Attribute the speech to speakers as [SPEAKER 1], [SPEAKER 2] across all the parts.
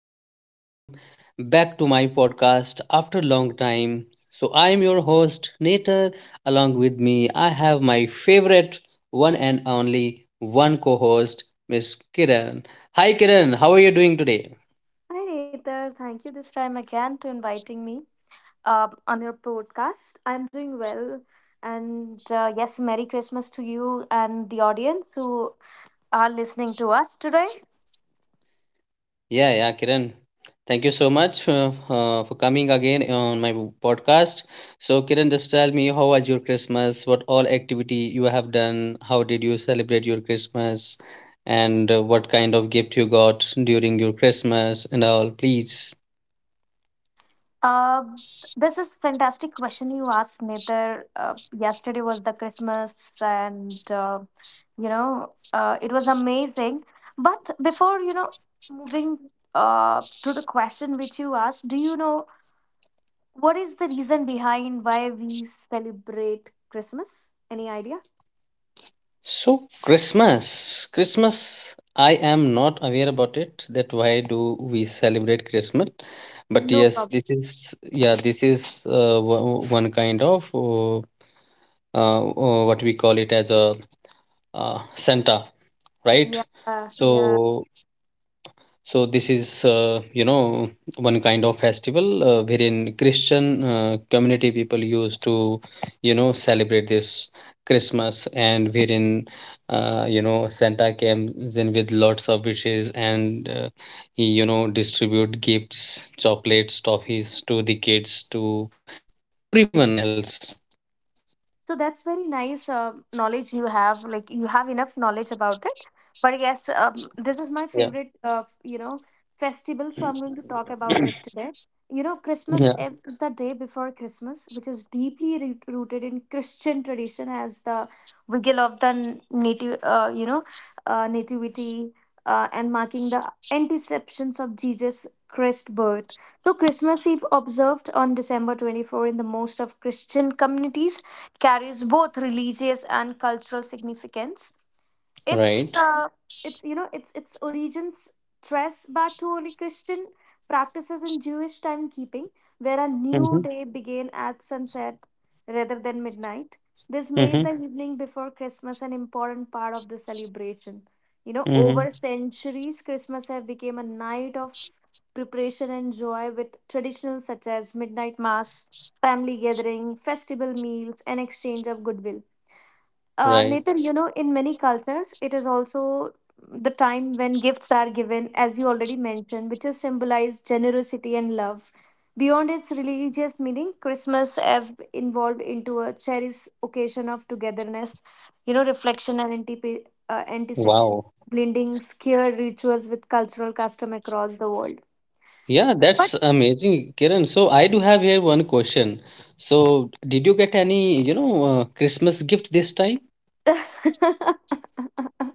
[SPEAKER 1] and welcome back to my podcast after a long time. So, I am your host, Nater. Along with me, I have my favorite one and only one co host, Miss Kiran. Hi, Kiran. How are you doing today?
[SPEAKER 2] Hi, Nether. Thank you this time again to inviting me on your podcast. I'm doing well. And yes, Merry Christmas to you and the audience who are listening to us today.
[SPEAKER 1] Yeah, yeah, Kiran. Thank you so much for coming again on my podcast. So, Kiran, just tell me how was your Christmas? What all activity you have done? How did you celebrate your Christmas? And what kind of gift you got during your Christmas and all, please.
[SPEAKER 2] Uh, this is fantastic question you asked, Nether. Yesterday was the Christmas and, it was amazing. But before moving to the question which you asked, do you know what is the reason behind why we celebrate Christmas? Any idea?
[SPEAKER 1] So, Christmas. I am not aware about it. That why do we celebrate Christmas? But
[SPEAKER 2] No
[SPEAKER 1] yes,
[SPEAKER 2] problem.
[SPEAKER 1] this is one kind of. What we call it as a Santa, right?
[SPEAKER 2] Yeah, yeah.
[SPEAKER 1] So, so this is you know one kind of festival wherein Christian community people used to you know celebrate this Christmas, and wherein you know Santa came in with lots of wishes, and he you know distribute gifts, chocolates, toffees to the kids to everyone else.
[SPEAKER 2] So that's very nice knowledge you have. Like you have enough knowledge about it. But yes, this is my
[SPEAKER 1] Yeah,
[SPEAKER 2] favorite, festival. So I'm going to talk about it today. You know,
[SPEAKER 1] yeah,
[SPEAKER 2] Christmas Eve is the day before Christmas, which is deeply rooted in Christian tradition as the vigil of the nativity and marking the anticeptions of Jesus Christ birth. So Christmas Eve observed on December 24 in the most of Christian communities carries both religious and cultural significance. it's
[SPEAKER 1] right.
[SPEAKER 2] uh, it's you know it's it's origins trace back to early Christian practices in Jewish timekeeping, where a new
[SPEAKER 1] Mm-hmm,
[SPEAKER 2] day began at sunset rather than midnight. This
[SPEAKER 1] mm-hmm,
[SPEAKER 2] made the evening before Christmas an important part of the celebration. You know, over
[SPEAKER 1] mm-hmm.
[SPEAKER 2] centuries, Christmas have become a night of preparation and joy, with traditions such as midnight mass, family gathering, festival meals, and exchange of goodwill.
[SPEAKER 1] Right.
[SPEAKER 2] Nathan, you know, in many cultures, it is also the time when gifts are given, as you already mentioned, which is symbolized generosity and love. Beyond its religious meaning, Christmas have evolved into a cherished occasion of togetherness, you know, reflection and anticipation,
[SPEAKER 1] Wow.
[SPEAKER 2] blending scared rituals with cultural custom across the world.
[SPEAKER 1] Yeah, that's amazing, Kiran. So I do have here one question. So did you get any, Christmas gift this time?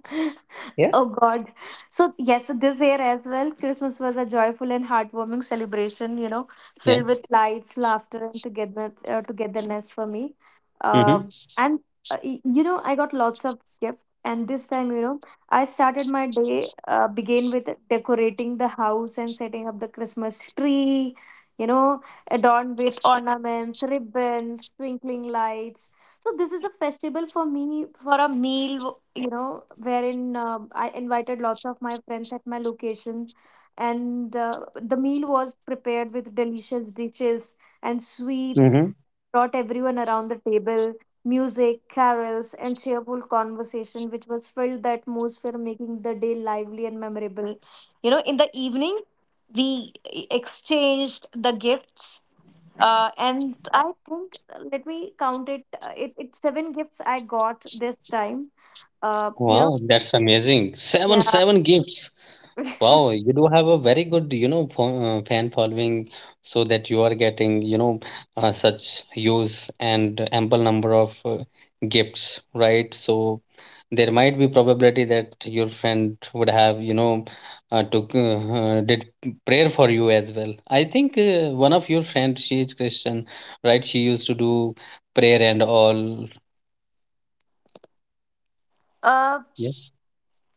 [SPEAKER 1] Yeah.
[SPEAKER 2] Oh God. So, yes, so this year as well, Christmas was a joyful and heartwarming celebration, you know,
[SPEAKER 1] Yeah.
[SPEAKER 2] filled with lights, laughter, and togetherness for me.
[SPEAKER 1] Mm-hmm.
[SPEAKER 2] Um and, y- you know, I got lots of gifts. And this time, you know, I started my day, began with decorating the house and setting up the Christmas tree, you know, adorned with ornaments, ribbons, twinkling lights. So this is a festival for me for a meal, you know, wherein I invited lots of my friends at my location, and the meal was prepared with delicious dishes and sweets.
[SPEAKER 1] Mm-hmm.
[SPEAKER 2] Brought everyone around the table, music, carols, and cheerful conversation, which was filled the atmosphere, making the day lively and memorable. You know, in the evening, we exchanged the gifts. And I think, let me count it. It it's seven gifts I got this time. Uh, you know,
[SPEAKER 1] Wow, that's amazing. Seven,
[SPEAKER 2] yeah.
[SPEAKER 1] seven gifts. Wow, you do have a very good, you know, fan following, so that you are getting, you know, such use and ample number of gifts, right? So there might be probability that your friend would have, you know, took did prayer for you as well. I think one of your friends, she is Christian, right? She used to do prayer and all.
[SPEAKER 2] uh,
[SPEAKER 1] Yeah,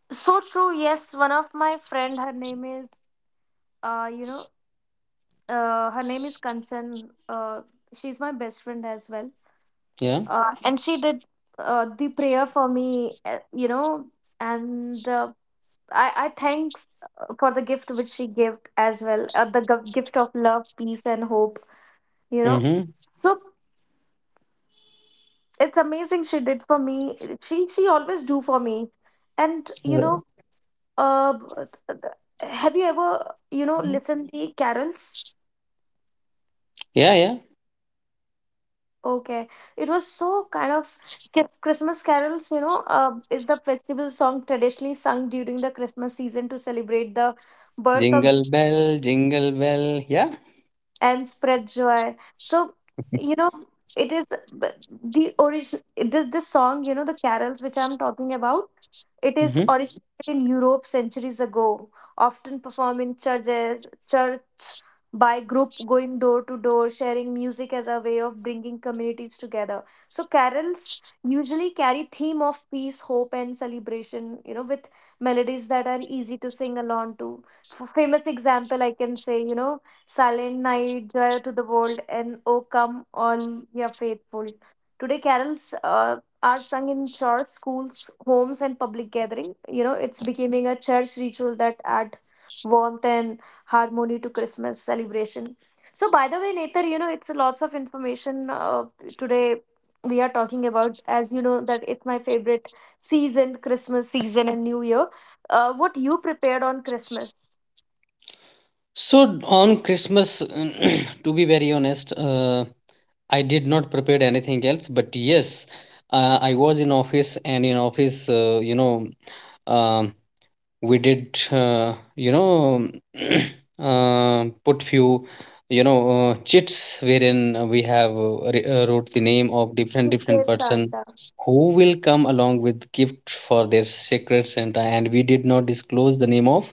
[SPEAKER 2] so true. Yes, one of my friend, her name is, uh, you know, her name is Kanchan. She's my best friend as well.
[SPEAKER 1] yeah.
[SPEAKER 2] And she did the prayer for me. You know, and uh, I thanks for the gift which she gave as well. The gift of love, peace, and hope. You know.
[SPEAKER 1] Mm-hmm.
[SPEAKER 2] So it's amazing she did for me. She always do for me. And you know, uh have you ever, you know, listened the carols?
[SPEAKER 1] Yeah, yeah.
[SPEAKER 2] Okay, it was so kind of Christmas carols, you know. Is the festival song traditionally sung during the Christmas season to celebrate the birth of
[SPEAKER 1] Jingle bell, jingle bell. Yeah.
[SPEAKER 2] and spread joy. So you know it is but the origin. This song, you know, the carols which I'm talking about. It is originated in Europe centuries ago, often performed in churches, church, by group going door to door, sharing music as a way of bringing communities together. So carols usually carry theme of peace, hope, and celebration. You know, with melodies that are easy to sing along to. Famous example I can say, you know, Silent Night, Joy to the World, and O Come All Ye Faithful. Today, carols are sung in church, schools, homes, and public gathering. You know, it's becoming a church ritual that add warmth and harmony to Christmas celebration. So, by the way, Nether, you know, it's lots of information today we are talking about. As you know, that it's my favorite season, Christmas season and New Year. What you prepared on Christmas?
[SPEAKER 1] So on Christmas, to be very honest, I did not prepare anything else. But yes, I was in office, and in office, you know, um we did you know put few you know chits wherein we have wrote the name of different different
[SPEAKER 2] Secret
[SPEAKER 1] person
[SPEAKER 2] Santa.
[SPEAKER 1] who will come along with gift for their secret santa, and we did not disclose the name of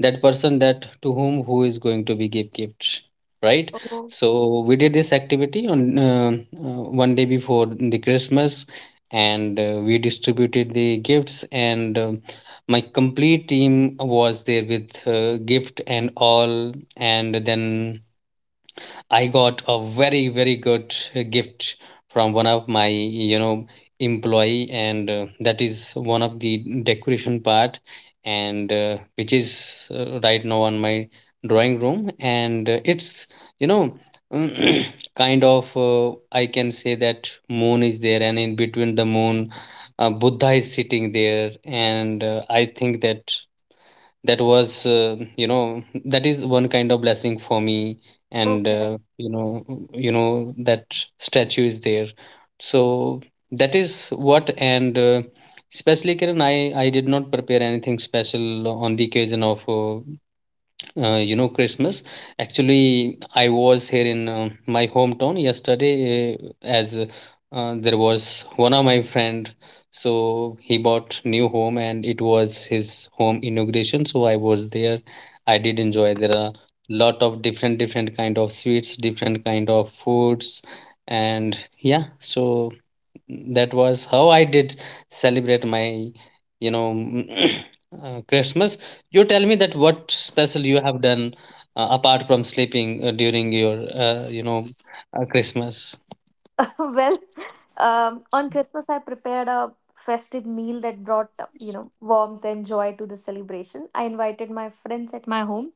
[SPEAKER 1] that person, that to whom who is going to be give gift, right?
[SPEAKER 2] Oh.
[SPEAKER 1] So we did this activity on 1 day before the Christmas, and we distributed the gifts, and my complete team was there with gift and all, and then I got a very good gift from one of my you know employee, and that is one of the decoration part, and which is right now on my drawing room, and it's you know kind of I can say that moon is there, and in between the moon Buddha is sitting there, and I think that that was you know, that is one kind of blessing for me, and
[SPEAKER 2] Okay.
[SPEAKER 1] you know, you know that statue is there, so that is what, and especially Kiran, I did not prepare anything special on the occasion of you know Christmas. Actually, I was here in my hometown yesterday, as there was one of my friend, so he bought new home, and it was his home inauguration, so I was there. I did enjoy. There are lot of different different kind of sweets, different kind of foods, and yeah, so that was how I did celebrate my you know Christmas. You tell me that what special you have done apart from sleeping during your you know Christmas.
[SPEAKER 2] Well, on Christmas, I prepared a festive meal that brought, you know, warmth and joy to the celebration. I invited my friends at my home,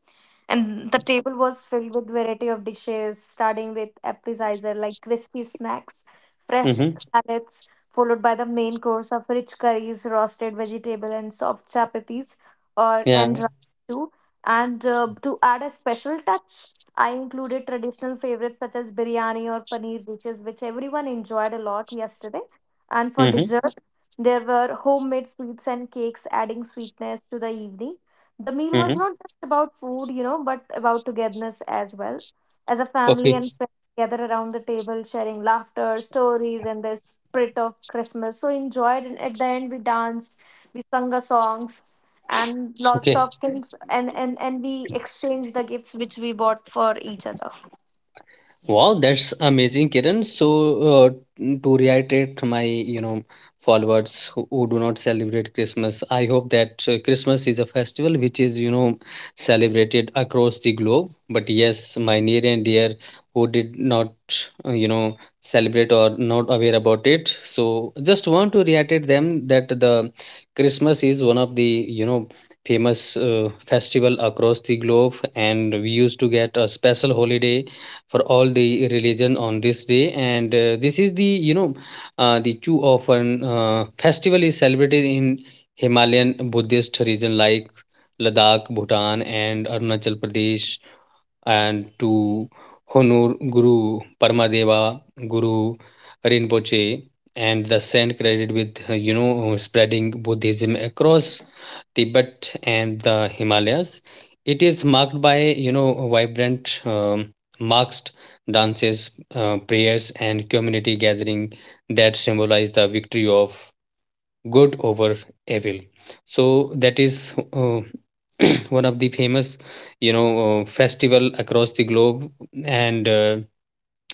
[SPEAKER 2] and
[SPEAKER 1] Mm-hmm.
[SPEAKER 2] the table was filled with variety of dishes, starting with appetizer like crispy snacks, fresh
[SPEAKER 1] Mm-hmm.
[SPEAKER 2] salads, followed by the main course of rich curries, roasted vegetable, and soft chapatis, or
[SPEAKER 1] Yeah.
[SPEAKER 2] and rice too. And to add a special touch. I included traditional favorites such as biryani or paneer dishes, which everyone enjoyed a lot yesterday. And for
[SPEAKER 1] Mm-hmm.
[SPEAKER 2] dessert, there were homemade sweets and cakes, adding sweetness to the evening. The meal was
[SPEAKER 1] Mm-hmm.
[SPEAKER 2] not just about food, you know, but about togetherness as well. As a family
[SPEAKER 1] Okay.
[SPEAKER 2] and friends gather around the table, sharing laughter, stories, and the spirit of Christmas. So enjoyed. And at the end, we danced, we sung a songs and lots
[SPEAKER 1] Okay.
[SPEAKER 2] of things, and we exchange the gifts which we bought for each other.
[SPEAKER 1] Wow, that's amazing, Kiran. So, uh, to reiterate my, you know, followers who do not celebrate Christmas, I hope that Christmas is a festival which is, you know, celebrated across the globe. But yes, my near and dear who did not, you know, celebrate or not aware about it. So, just want to reiterate them that the Christmas is one of the, you know, famous festival across the globe, and we used to get a special holiday for all the religion on this day, and this is the you know the too often festival is celebrated in Himalayan Buddhist region like Ladakh, Bhutan and Arunachal Pradesh, and to honor Guru Paramadeva, Guru Rinpoche, and the saint credited with you know spreading Buddhism across Tibet and the Himalayas. It is marked by you know vibrant masked dances, prayers, and community gathering that symbolize the victory of good over evil, so that is one of the famous you know festival across the globe, and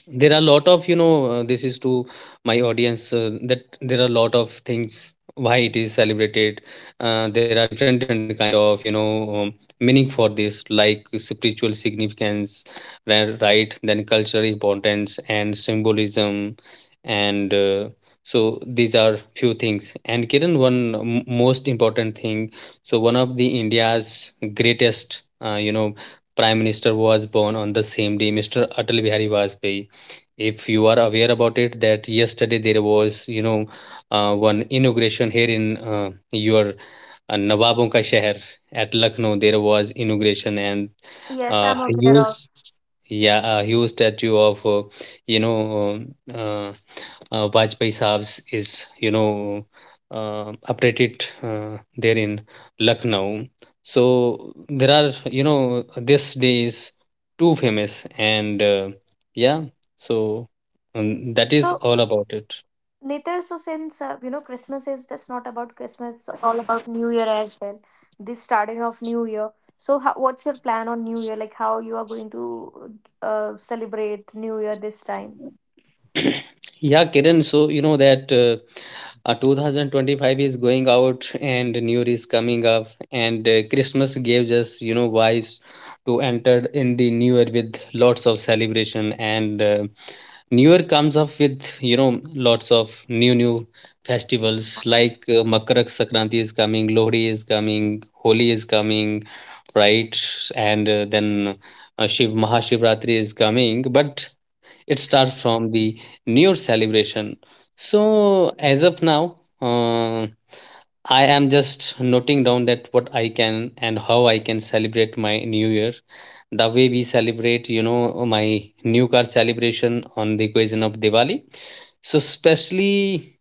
[SPEAKER 1] there are a lot of you know this is to my audience that there are a lot of things why it is celebrated. Uh, there are different different kind of you know meaning for this, like spiritual significance, right, then cultural importance and symbolism, and so these are few things. And Kiran, one most important thing, so one of the India's greatest you know prime minister was born on the same day, Mr. Atal Bihari Vajpayee. If you are aware about it, that yesterday there was you know one inauguration here in your Nawabon Ka Sheher at Lucknow, there was inauguration and
[SPEAKER 2] Yes, I'm aware
[SPEAKER 1] huge,
[SPEAKER 2] of.
[SPEAKER 1] yeah, a huge statue of you know Vajpayee Saab's is you know uprated there in Lucknow. So there are you know this day is too famous, and yeah, so that is
[SPEAKER 2] So
[SPEAKER 1] all about it.
[SPEAKER 2] Nithya, so since you know, Christmas is just not about Christmas, it's all about New Year as well, this starting of New Year. So how, what's your plan on New Year? Like how you are going to celebrate New Year this time?
[SPEAKER 1] Yeah, Kiran, so you know that 2025 is going out and New Year is coming up, and Christmas gives us, you know, vibes to enter in the New Year with lots of celebration. And New Year comes up with, you know, lots of new festivals like Makar Sankranti is coming, Lohri is coming, Holi is coming, right? And then Shiv Mahashivratri is coming. But it starts from the new year celebration. So as of now uh, I am just noting down that what I can and how I can celebrate my new year, the way we celebrate you know my new car celebration on the occasion of Diwali. So especially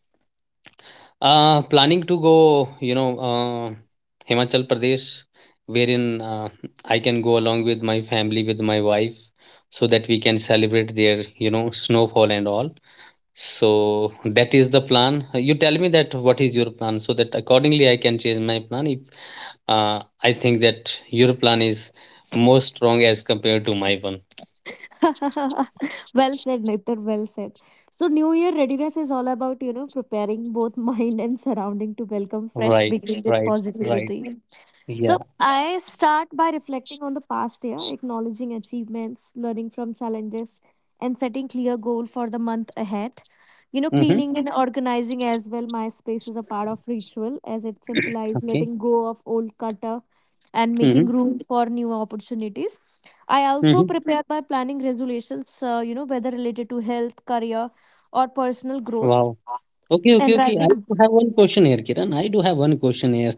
[SPEAKER 1] planning to go you know Himachal Pradesh, wherein uh, I can go along with my family, with my wife, so that we can celebrate their you know snowfall and all. So that is the plan. You tell me that what is your plan, so that accordingly I can change my plan if I think that your plan is more strong as compared to my one.
[SPEAKER 2] Well said, Nitar. Well said. So, New Year readiness is all about, you know, preparing both mind and surrounding to welcome fresh
[SPEAKER 1] Right,
[SPEAKER 2] beginning with
[SPEAKER 1] right, right.
[SPEAKER 2] positivity.
[SPEAKER 1] Yeah.
[SPEAKER 2] So I start by reflecting on the past year, acknowledging achievements, learning from challenges, and setting clear goal for the month ahead. You know,
[SPEAKER 1] Mm-hmm.
[SPEAKER 2] cleaning and organizing as well. My space is a part of ritual as it symbolizes
[SPEAKER 1] Okay.
[SPEAKER 2] letting go of old clutter and
[SPEAKER 1] Mm-hmm.
[SPEAKER 2] making room for new opportunities. I also
[SPEAKER 1] Mm-hmm.
[SPEAKER 2] prepare by planning resolutions, you know, whether related to health, career, or personal growth
[SPEAKER 1] Wow. Okay, okay,
[SPEAKER 2] and
[SPEAKER 1] okay. I
[SPEAKER 2] writing.
[SPEAKER 1] do have one question here, Kiran. I do have one question here.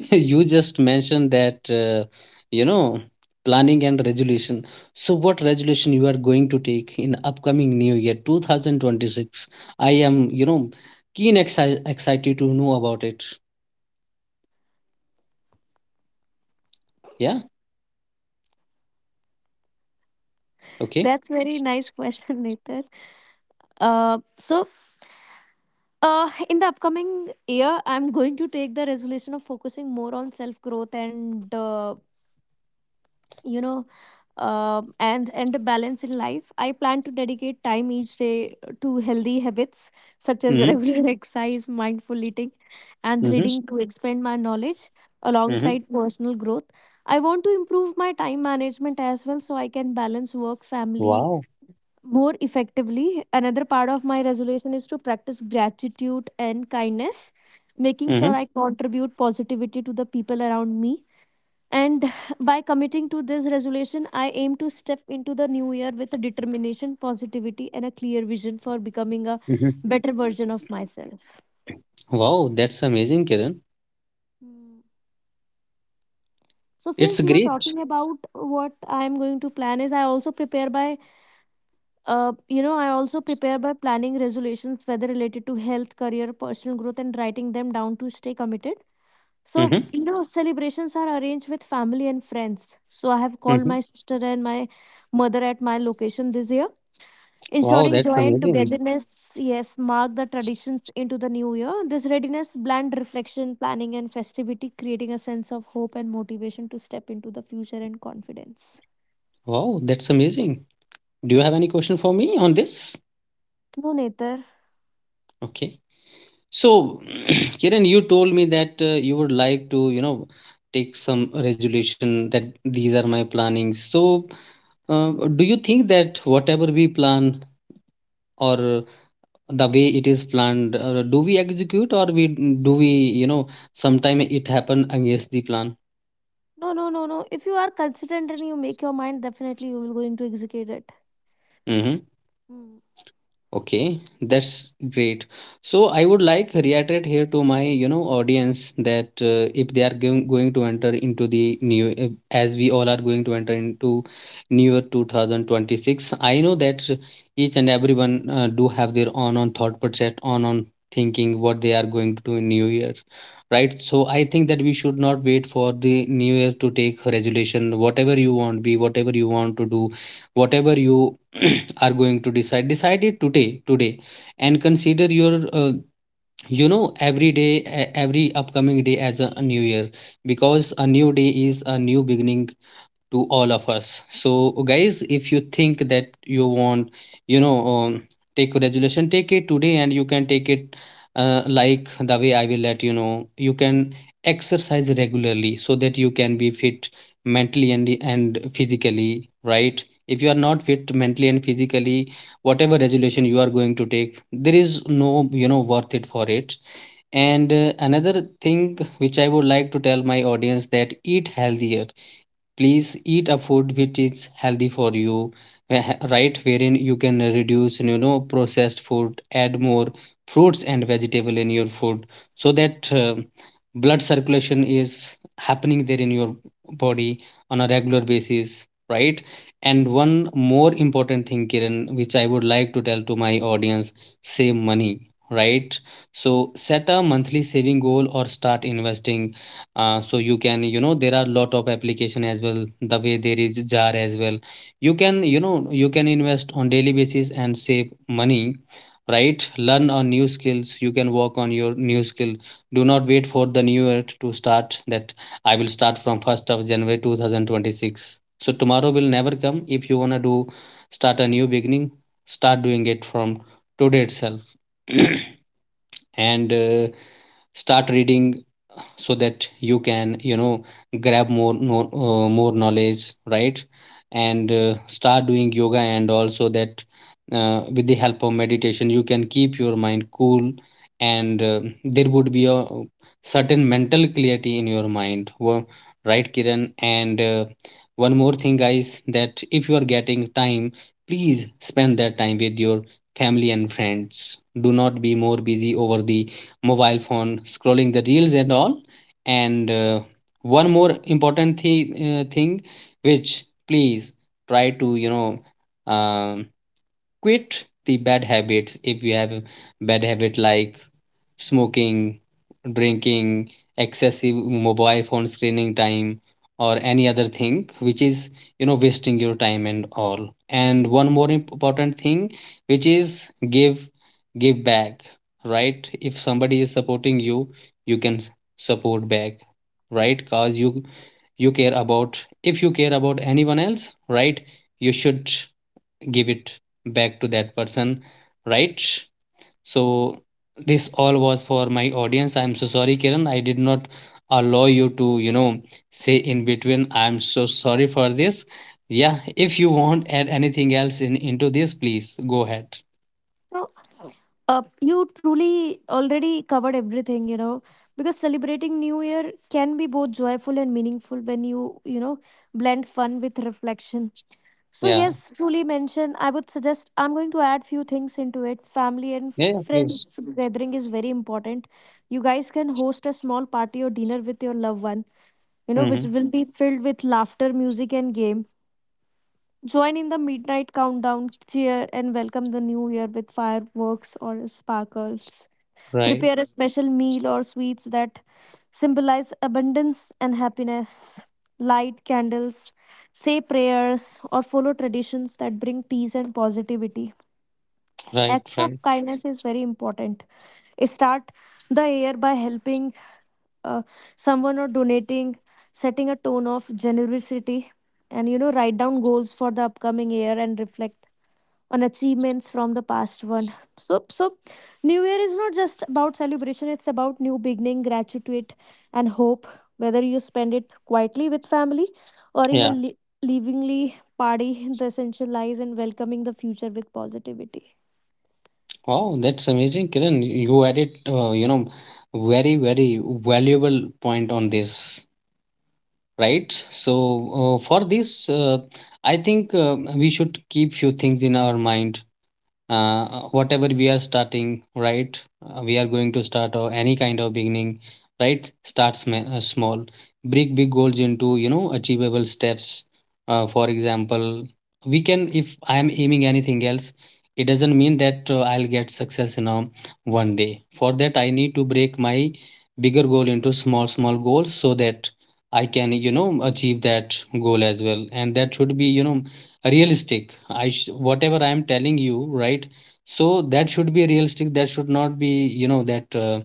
[SPEAKER 1] You just mentioned that you know planning and resolution, so what resolution you are going to take in upcoming new year 2026? I am you know keen excited to know about it. Yeah. Okay.
[SPEAKER 2] That's very nice question, Nathan. Uh, so in the upcoming year, I'm going to take the resolution of focusing more on self growth and you know and a balance in life. I plan to dedicate time each day to healthy habits such as
[SPEAKER 1] Mm-hmm.
[SPEAKER 2] regular exercise, mindful eating, and
[SPEAKER 1] Mm-hmm.
[SPEAKER 2] reading to expand my knowledge
[SPEAKER 1] Mm-hmm.
[SPEAKER 2] alongside personal growth. I want to improve my time management as well, so I can balance work, family,
[SPEAKER 1] Wow.
[SPEAKER 2] more effectively. Another part of my resolution is to practice gratitude and kindness, making sure
[SPEAKER 1] Mm-hmm.
[SPEAKER 2] I contribute positivity to the people around me. And by committing to this resolution, I aim to step into the new year with a determination, positivity, and a clear vision for becoming a
[SPEAKER 1] Mm-hmm.
[SPEAKER 2] better version of myself.
[SPEAKER 1] Wow, that's amazing, Kiran.
[SPEAKER 2] Hmm. So,
[SPEAKER 1] It's
[SPEAKER 2] since you were
[SPEAKER 1] great.
[SPEAKER 2] talking about what I'm going to plan, is I also prepare by you know, I also prepare by planning resolutions, whether related to health, career, personal growth, and writing them down to stay committed. So,
[SPEAKER 1] Mm-hmm.
[SPEAKER 2] you know, celebrations are arranged with family and friends. So, I have called
[SPEAKER 1] Mm-hmm.
[SPEAKER 2] my sister and my mother at my location this year.
[SPEAKER 1] Wow,
[SPEAKER 2] Ensuring
[SPEAKER 1] that's
[SPEAKER 2] joy and
[SPEAKER 1] amazing.
[SPEAKER 2] togetherness, yes, mark the traditions into the new year. This readiness, bland reflection, planning, and festivity, creating a sense of hope and motivation to step into the future and confidence.
[SPEAKER 1] Wow, that's amazing. Do you have any question for me on this?
[SPEAKER 2] No, Nether.
[SPEAKER 1] Okay. So, Kiran, you told me that you would like to, you know, take some resolution, that these are my plannings. So, do you think that whatever we plan or the way it is planned, do we execute, or we, you know, sometime it happen against the plan?
[SPEAKER 2] No, no, no, no. If you are consistent and you make your mind, definitely you will going to execute it.
[SPEAKER 1] Mm-hmm.
[SPEAKER 2] Hmm.
[SPEAKER 1] Okay, that's great. So I would like reiterate here to my you know audience that if they are going to enter into the new as we all are going to enter into new year 2026, I know that each and everyone do have their own on thought process, on thinking what they are going to do in new year, right? So I think that we should not wait for the new year to take resolution. Whatever you want, be whatever you want to do, whatever you are going to decide it today today and consider your uh, every day every upcoming day as a new year, because a new day is a new beginning to all of us. So guys, if you think that you want, you know um, take a resolution, take it today. And you can take it like the way I will let you know. You can exercise regularly so that you can be fit mentally and physically, right? If you are not fit mentally and physically, whatever resolution you are going to take, there is no, worth it for it. And another thing which I would like to tell my audience: that eat healthier. Please eat a food which is healthy for you, right? Wherein you can reduce, processed food, add more fruits and vegetable in your food, so that blood circulation is happening there in your body on a regular basis, right? And one more important thing, Kiran, which I would like to tell to my audience: save money, right? So set a monthly saving goal or start investing. So you know, there are lot of application as well. The way there is jar as well, you can invest on daily basis and save money, right? Learn on new skills. You can work on your new skill. Do not wait for the new year to start that. I will start from 1st of january 2026, so tomorrow will never come. If you want to do, start a new beginning, start doing it from today itself. And start reading so that you can, grab more knowledge, right? And start doing yoga, and also that with the help of meditation you can keep your mind cool. And there would be a certain mental clarity in your mind. Right, Kiran? And one more thing, guys: that if you are getting time, please spend that time with your family and friends. Do not be more busy over the mobile phone, scrolling the reels and all. And one more important thing, which, please try to um quit the bad habits. If you have a bad habit like smoking, drinking, excessive mobile phone screening time, or any other thing which is, wasting your time and all. And one more important thing, which is give give back, right? If somebody is supporting you, you can support back, right? Cause you care about if you care about anyone else, right, you should give it back to that person, right? So this all was for my audience. I'm so sorry, Kiran, I did not allow you to, say in between. I'm so sorry for this. Yeah, if you want add anything else in into this, please go ahead.
[SPEAKER 2] So, you truly already covered everything, you know, because celebrating New Year can be both joyful and meaningful when you know, blend fun with reflection. So,
[SPEAKER 1] Yeah.
[SPEAKER 2] yes, truly mentioned. I would suggest I'm going to add few things into it. Family and
[SPEAKER 1] Yeah, yeah, please.
[SPEAKER 2] friends gathering is very important. You guys can host a small party or dinner with your loved one, you know, which
[SPEAKER 1] Mm-hmm.
[SPEAKER 2] will be filled with laughter, music, and game. Join in the midnight countdown cheer and welcome the new year with fireworks or sparkles.
[SPEAKER 1] Right,
[SPEAKER 2] Prepare a special meal or sweets that symbolize abundance and happiness. Light candles, say prayers, or follow traditions that bring peace and positivity.
[SPEAKER 1] right,
[SPEAKER 2] Act of
[SPEAKER 1] right.
[SPEAKER 2] kindness is very important. Start the year by helping uh, someone or donating, setting a tone of generosity, and you know, write down goals for the upcoming year and reflect on achievements from the past one. So new year is not just about celebration, it's about new beginning, gratitude, and hope. Whether you spend it quietly with family or in a
[SPEAKER 1] Yeah.
[SPEAKER 2] livingly party, the essential lies in welcoming the future with positivity.
[SPEAKER 1] Wow, that's amazing, Kiran, you added uh, you know very, very valuable point on this, right? So for this I think we should keep few things in our mind. uh, Whatever we are starting, right? We are going to start, or any kind of beginning, right, start small. Break big goals into, achievable steps. For example, we can if I am aiming anything else, it doesn't mean that I'll get success in a one day. For that I need to break my bigger goal into small small goals, so that I can, achieve that goal as well. And that should be, realistic. Whatever I am telling you, right, so that should be realistic, that should not be, that uh,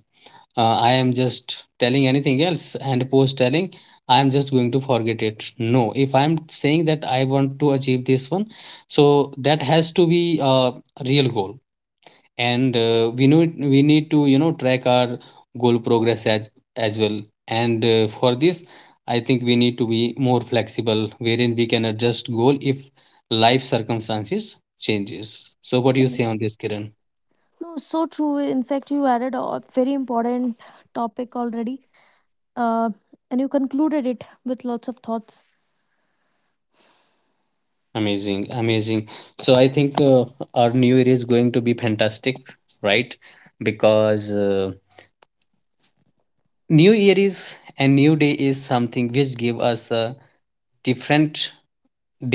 [SPEAKER 1] uh, I am just telling anything else, and post telling I am just going to forget it. No, if I am saying that I want to achieve this one, so that has to be a real goal. And we know we need to, track our goal progress as well. And for this I think we need to be more flexible, wherein we can adjust goal if life circumstances changes. So what do you say
[SPEAKER 2] Correct.
[SPEAKER 1] on this, Kiran?
[SPEAKER 2] No, so true. In fact, you added a very important topic already, uh, and you concluded it with lots of thoughts.
[SPEAKER 1] Amazing, amazing. So I think our new year is going to be fantastic, right? Because new year is, and new day is something which give us a different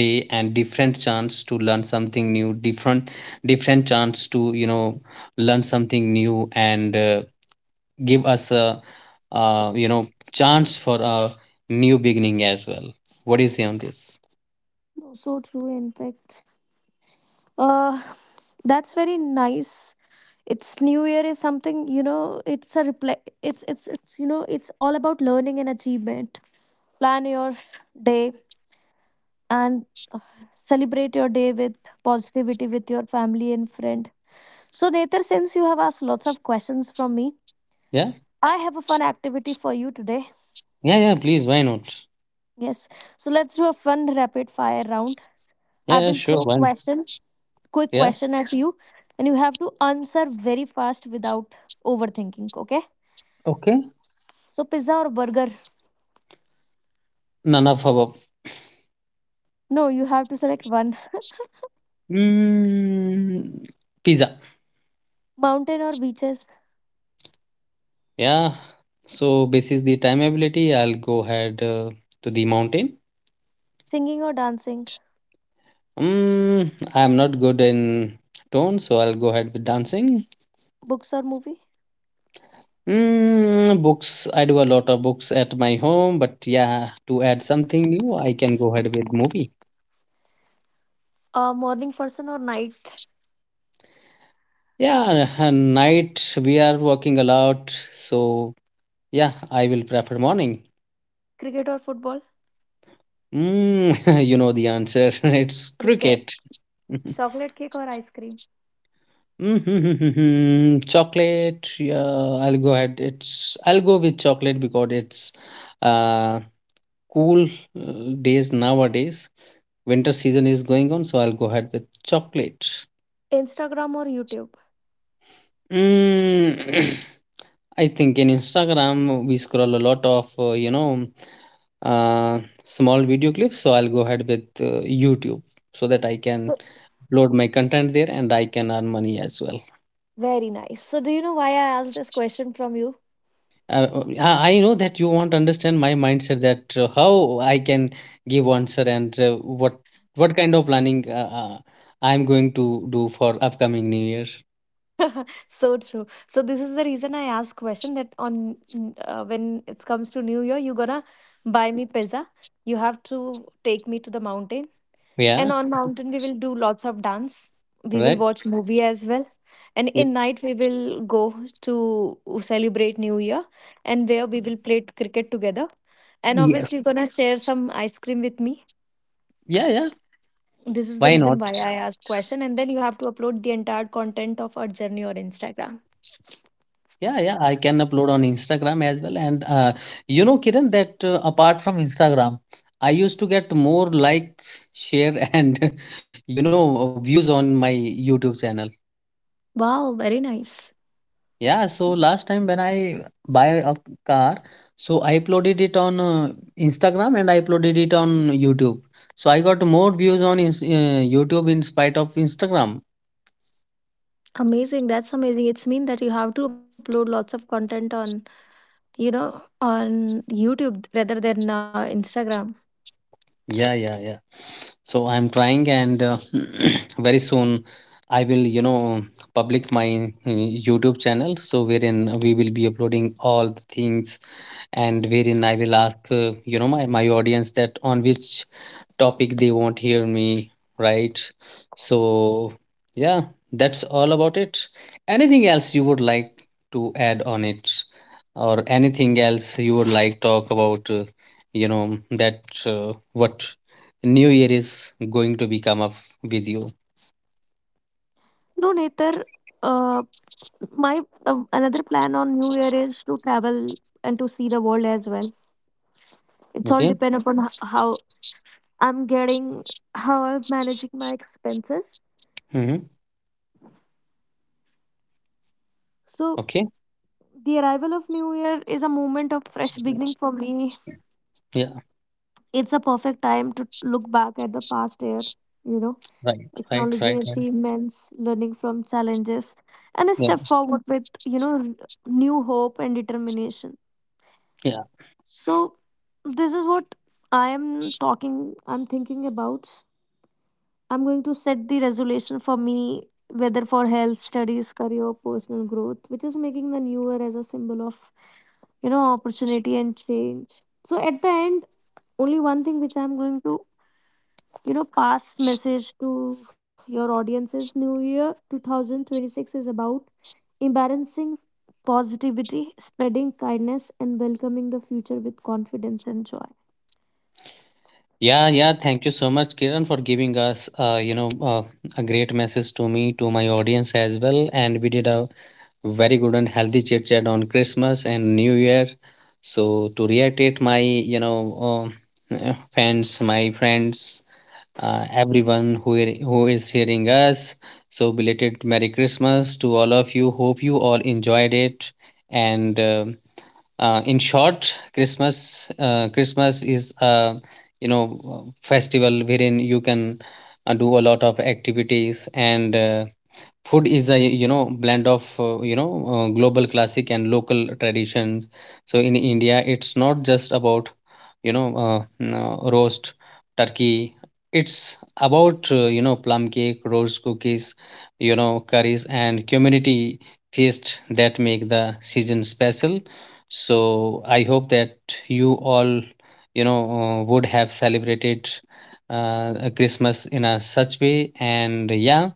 [SPEAKER 1] day and different chance to learn something new, different chance to, learn something new. And give us a uh, you know chance for a new beginning as well. What do you say on this?
[SPEAKER 2] No, so true. In fact, uh, that's very nice. It's new year is something, you know, it's a reply. It's you know, it's all about learning and achievement. Plan your day and uh, celebrate your day with positivity with your family and friend. So Nether, since you have asked lots of questions from me,
[SPEAKER 1] Yeah.
[SPEAKER 2] I have a fun activity for you today.
[SPEAKER 1] Yeah, yeah, please, why not?
[SPEAKER 2] Yes, so let's do a fun rapid fire round. I
[SPEAKER 1] Yeah, yeah,
[SPEAKER 2] will
[SPEAKER 1] sure,
[SPEAKER 2] throw
[SPEAKER 1] why not?
[SPEAKER 2] questions, quick
[SPEAKER 1] Yeah.
[SPEAKER 2] question at you, and you have to answer very fast without overthinking, okay?
[SPEAKER 1] Okay.
[SPEAKER 2] So, pizza or burger?
[SPEAKER 1] None of above.
[SPEAKER 2] No, you have to select one.
[SPEAKER 1] mm, Pizza.
[SPEAKER 2] Mountain or beaches?
[SPEAKER 1] Yeah, so this is the time ability, I'll go ahead to the mountain.
[SPEAKER 2] Singing or dancing?
[SPEAKER 1] I'm not good in tone, so I'll go ahead with dancing.
[SPEAKER 2] Books or movie?
[SPEAKER 1] Books. I do a lot of books at my home, but yeah, to add something new, I can go ahead with movie.
[SPEAKER 2] A morning person or night?
[SPEAKER 1] Yeah, night we are working a lot, so yeah, I will prefer morning.
[SPEAKER 2] Cricket or football?
[SPEAKER 1] You know the answer. It's
[SPEAKER 2] Cricket.
[SPEAKER 1] cricket.
[SPEAKER 2] Chocolate cake or ice cream?
[SPEAKER 1] Mm-hmm. Chocolate. Yeah, I'll go ahead. It's I'll go with chocolate because it's uh cool days nowadays, winter season is going on, so I'll go ahead with chocolate.
[SPEAKER 2] Instagram or YouTube?
[SPEAKER 1] Mm, I think in Instagram we scroll a lot of uh, small video clips, so I'll go ahead with YouTube, so that I can
[SPEAKER 2] So
[SPEAKER 1] load my content there and I can earn money as well.
[SPEAKER 2] very nice. So do you know why I asked this question from you?
[SPEAKER 1] Uh, I know that you want to understand my mindset, that how I can give answer, and what kind of planning I'm going to do for upcoming New Year.
[SPEAKER 2] So true. So this is the reason I asked question that on when it comes to New Year, you gonna buy me pizza. You have to take me to the mountain.
[SPEAKER 1] Yeah,
[SPEAKER 2] And on mountain, we will do lots of dance. We will
[SPEAKER 1] right.
[SPEAKER 2] watch movie as well. And
[SPEAKER 1] Yep.
[SPEAKER 2] in night, we will go to celebrate New Year, and where we will play cricket together. And obviously,
[SPEAKER 1] Yes.
[SPEAKER 2] you're gonna share some ice cream with me.
[SPEAKER 1] Yeah, yeah.
[SPEAKER 2] This is the
[SPEAKER 1] Why
[SPEAKER 2] reason
[SPEAKER 1] not?
[SPEAKER 2] why I asked question. And then you have to upload the entire content of our journey on Instagram.
[SPEAKER 1] Yeah, yeah, I can upload on Instagram as well. And you know, Kiran, that apart from Instagram, I used to get more like, share, and, views on my YouTube channel.
[SPEAKER 2] Wow, very nice.
[SPEAKER 1] Yeah. So last time when I buy a car, so I uploaded it on Instagram, and I uploaded it on YouTube. So I got more views on YouTube in spite of Instagram.
[SPEAKER 2] Amazing. That's amazing. It's mean that you have to upload lots of content on, you know, on YouTube rather than Instagram.
[SPEAKER 1] Yeah, yeah, yeah. So I'm trying, and very soon I will, public my YouTube channel, so wherein we will be uploading all the things, and wherein I will ask my audience that on which topic they won't hear me, right? So, yeah, that's all about it. Anything else you would like to add on it, or anything else you would like talk about? You know that what new year is going to be come up with you.
[SPEAKER 2] No, Netar, my another plan on New Year is to travel and to see the world as well. It's all
[SPEAKER 1] Okay.
[SPEAKER 2] depend upon how I'm getting, how I'm managing my expenses.
[SPEAKER 1] Mm-hmm.
[SPEAKER 2] So
[SPEAKER 1] Okay.
[SPEAKER 2] the arrival of New Year is a moment of fresh beginning for me.
[SPEAKER 1] Yeah.
[SPEAKER 2] It's a perfect time to look back at the past year, you know,
[SPEAKER 1] Right. Right.
[SPEAKER 2] acknowledging
[SPEAKER 1] Right. Right.
[SPEAKER 2] achievements, learning from challenges, and a
[SPEAKER 1] Yeah.
[SPEAKER 2] step forward with you know new hope and determination.
[SPEAKER 1] Yeah.
[SPEAKER 2] So this is what I am talking I'm thinking about. I'm going to set the resolution for me whether for health, studies, career, personal growth, which is making the new year as a symbol of you know opportunity and change. So at the end, only one thing which I'm going to, you know, pass message to your audience is new year 2026 is about embarrassing positivity, spreading kindness, and welcoming the future with confidence and joy.
[SPEAKER 1] Yeah, yeah. Thank you so much, Kiran, for giving us, a great message to me, to my audience as well. And we did a very good and healthy chit chat on Christmas and New Year. So to reiterate my, fans, my friends, everyone who is hearing us, so belated Merry Christmas to all of you. Hope you all enjoyed it. And in short, Christmas is a, festival wherein you can do a lot of activities and. Food is a, blend of global classic and local traditions. So in India, it's not just about, no, roast turkey. It's about plum cake, roast cookies, curries, and community feast that make the season special. So I hope that you all, would have celebrated Christmas in a such way. And yeah,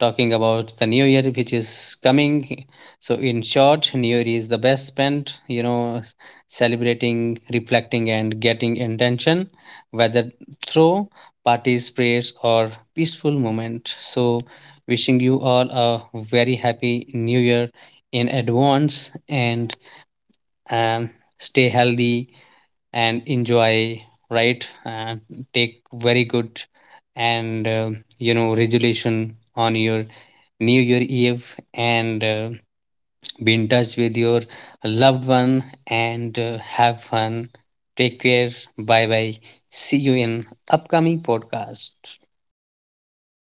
[SPEAKER 1] talking about the new year which is coming, so in short, new year is the best spent, celebrating, reflecting, and getting intention, whether through parties, prayers, or peaceful moment. So wishing you all a very happy new year in advance. And um, stay healthy and enjoy, right? Take very good and resolution on your new year eve, and be in touch with your loved one, and have fun. Take care. Bye bye. See you in upcoming podcast.
[SPEAKER 2] Happy New Year.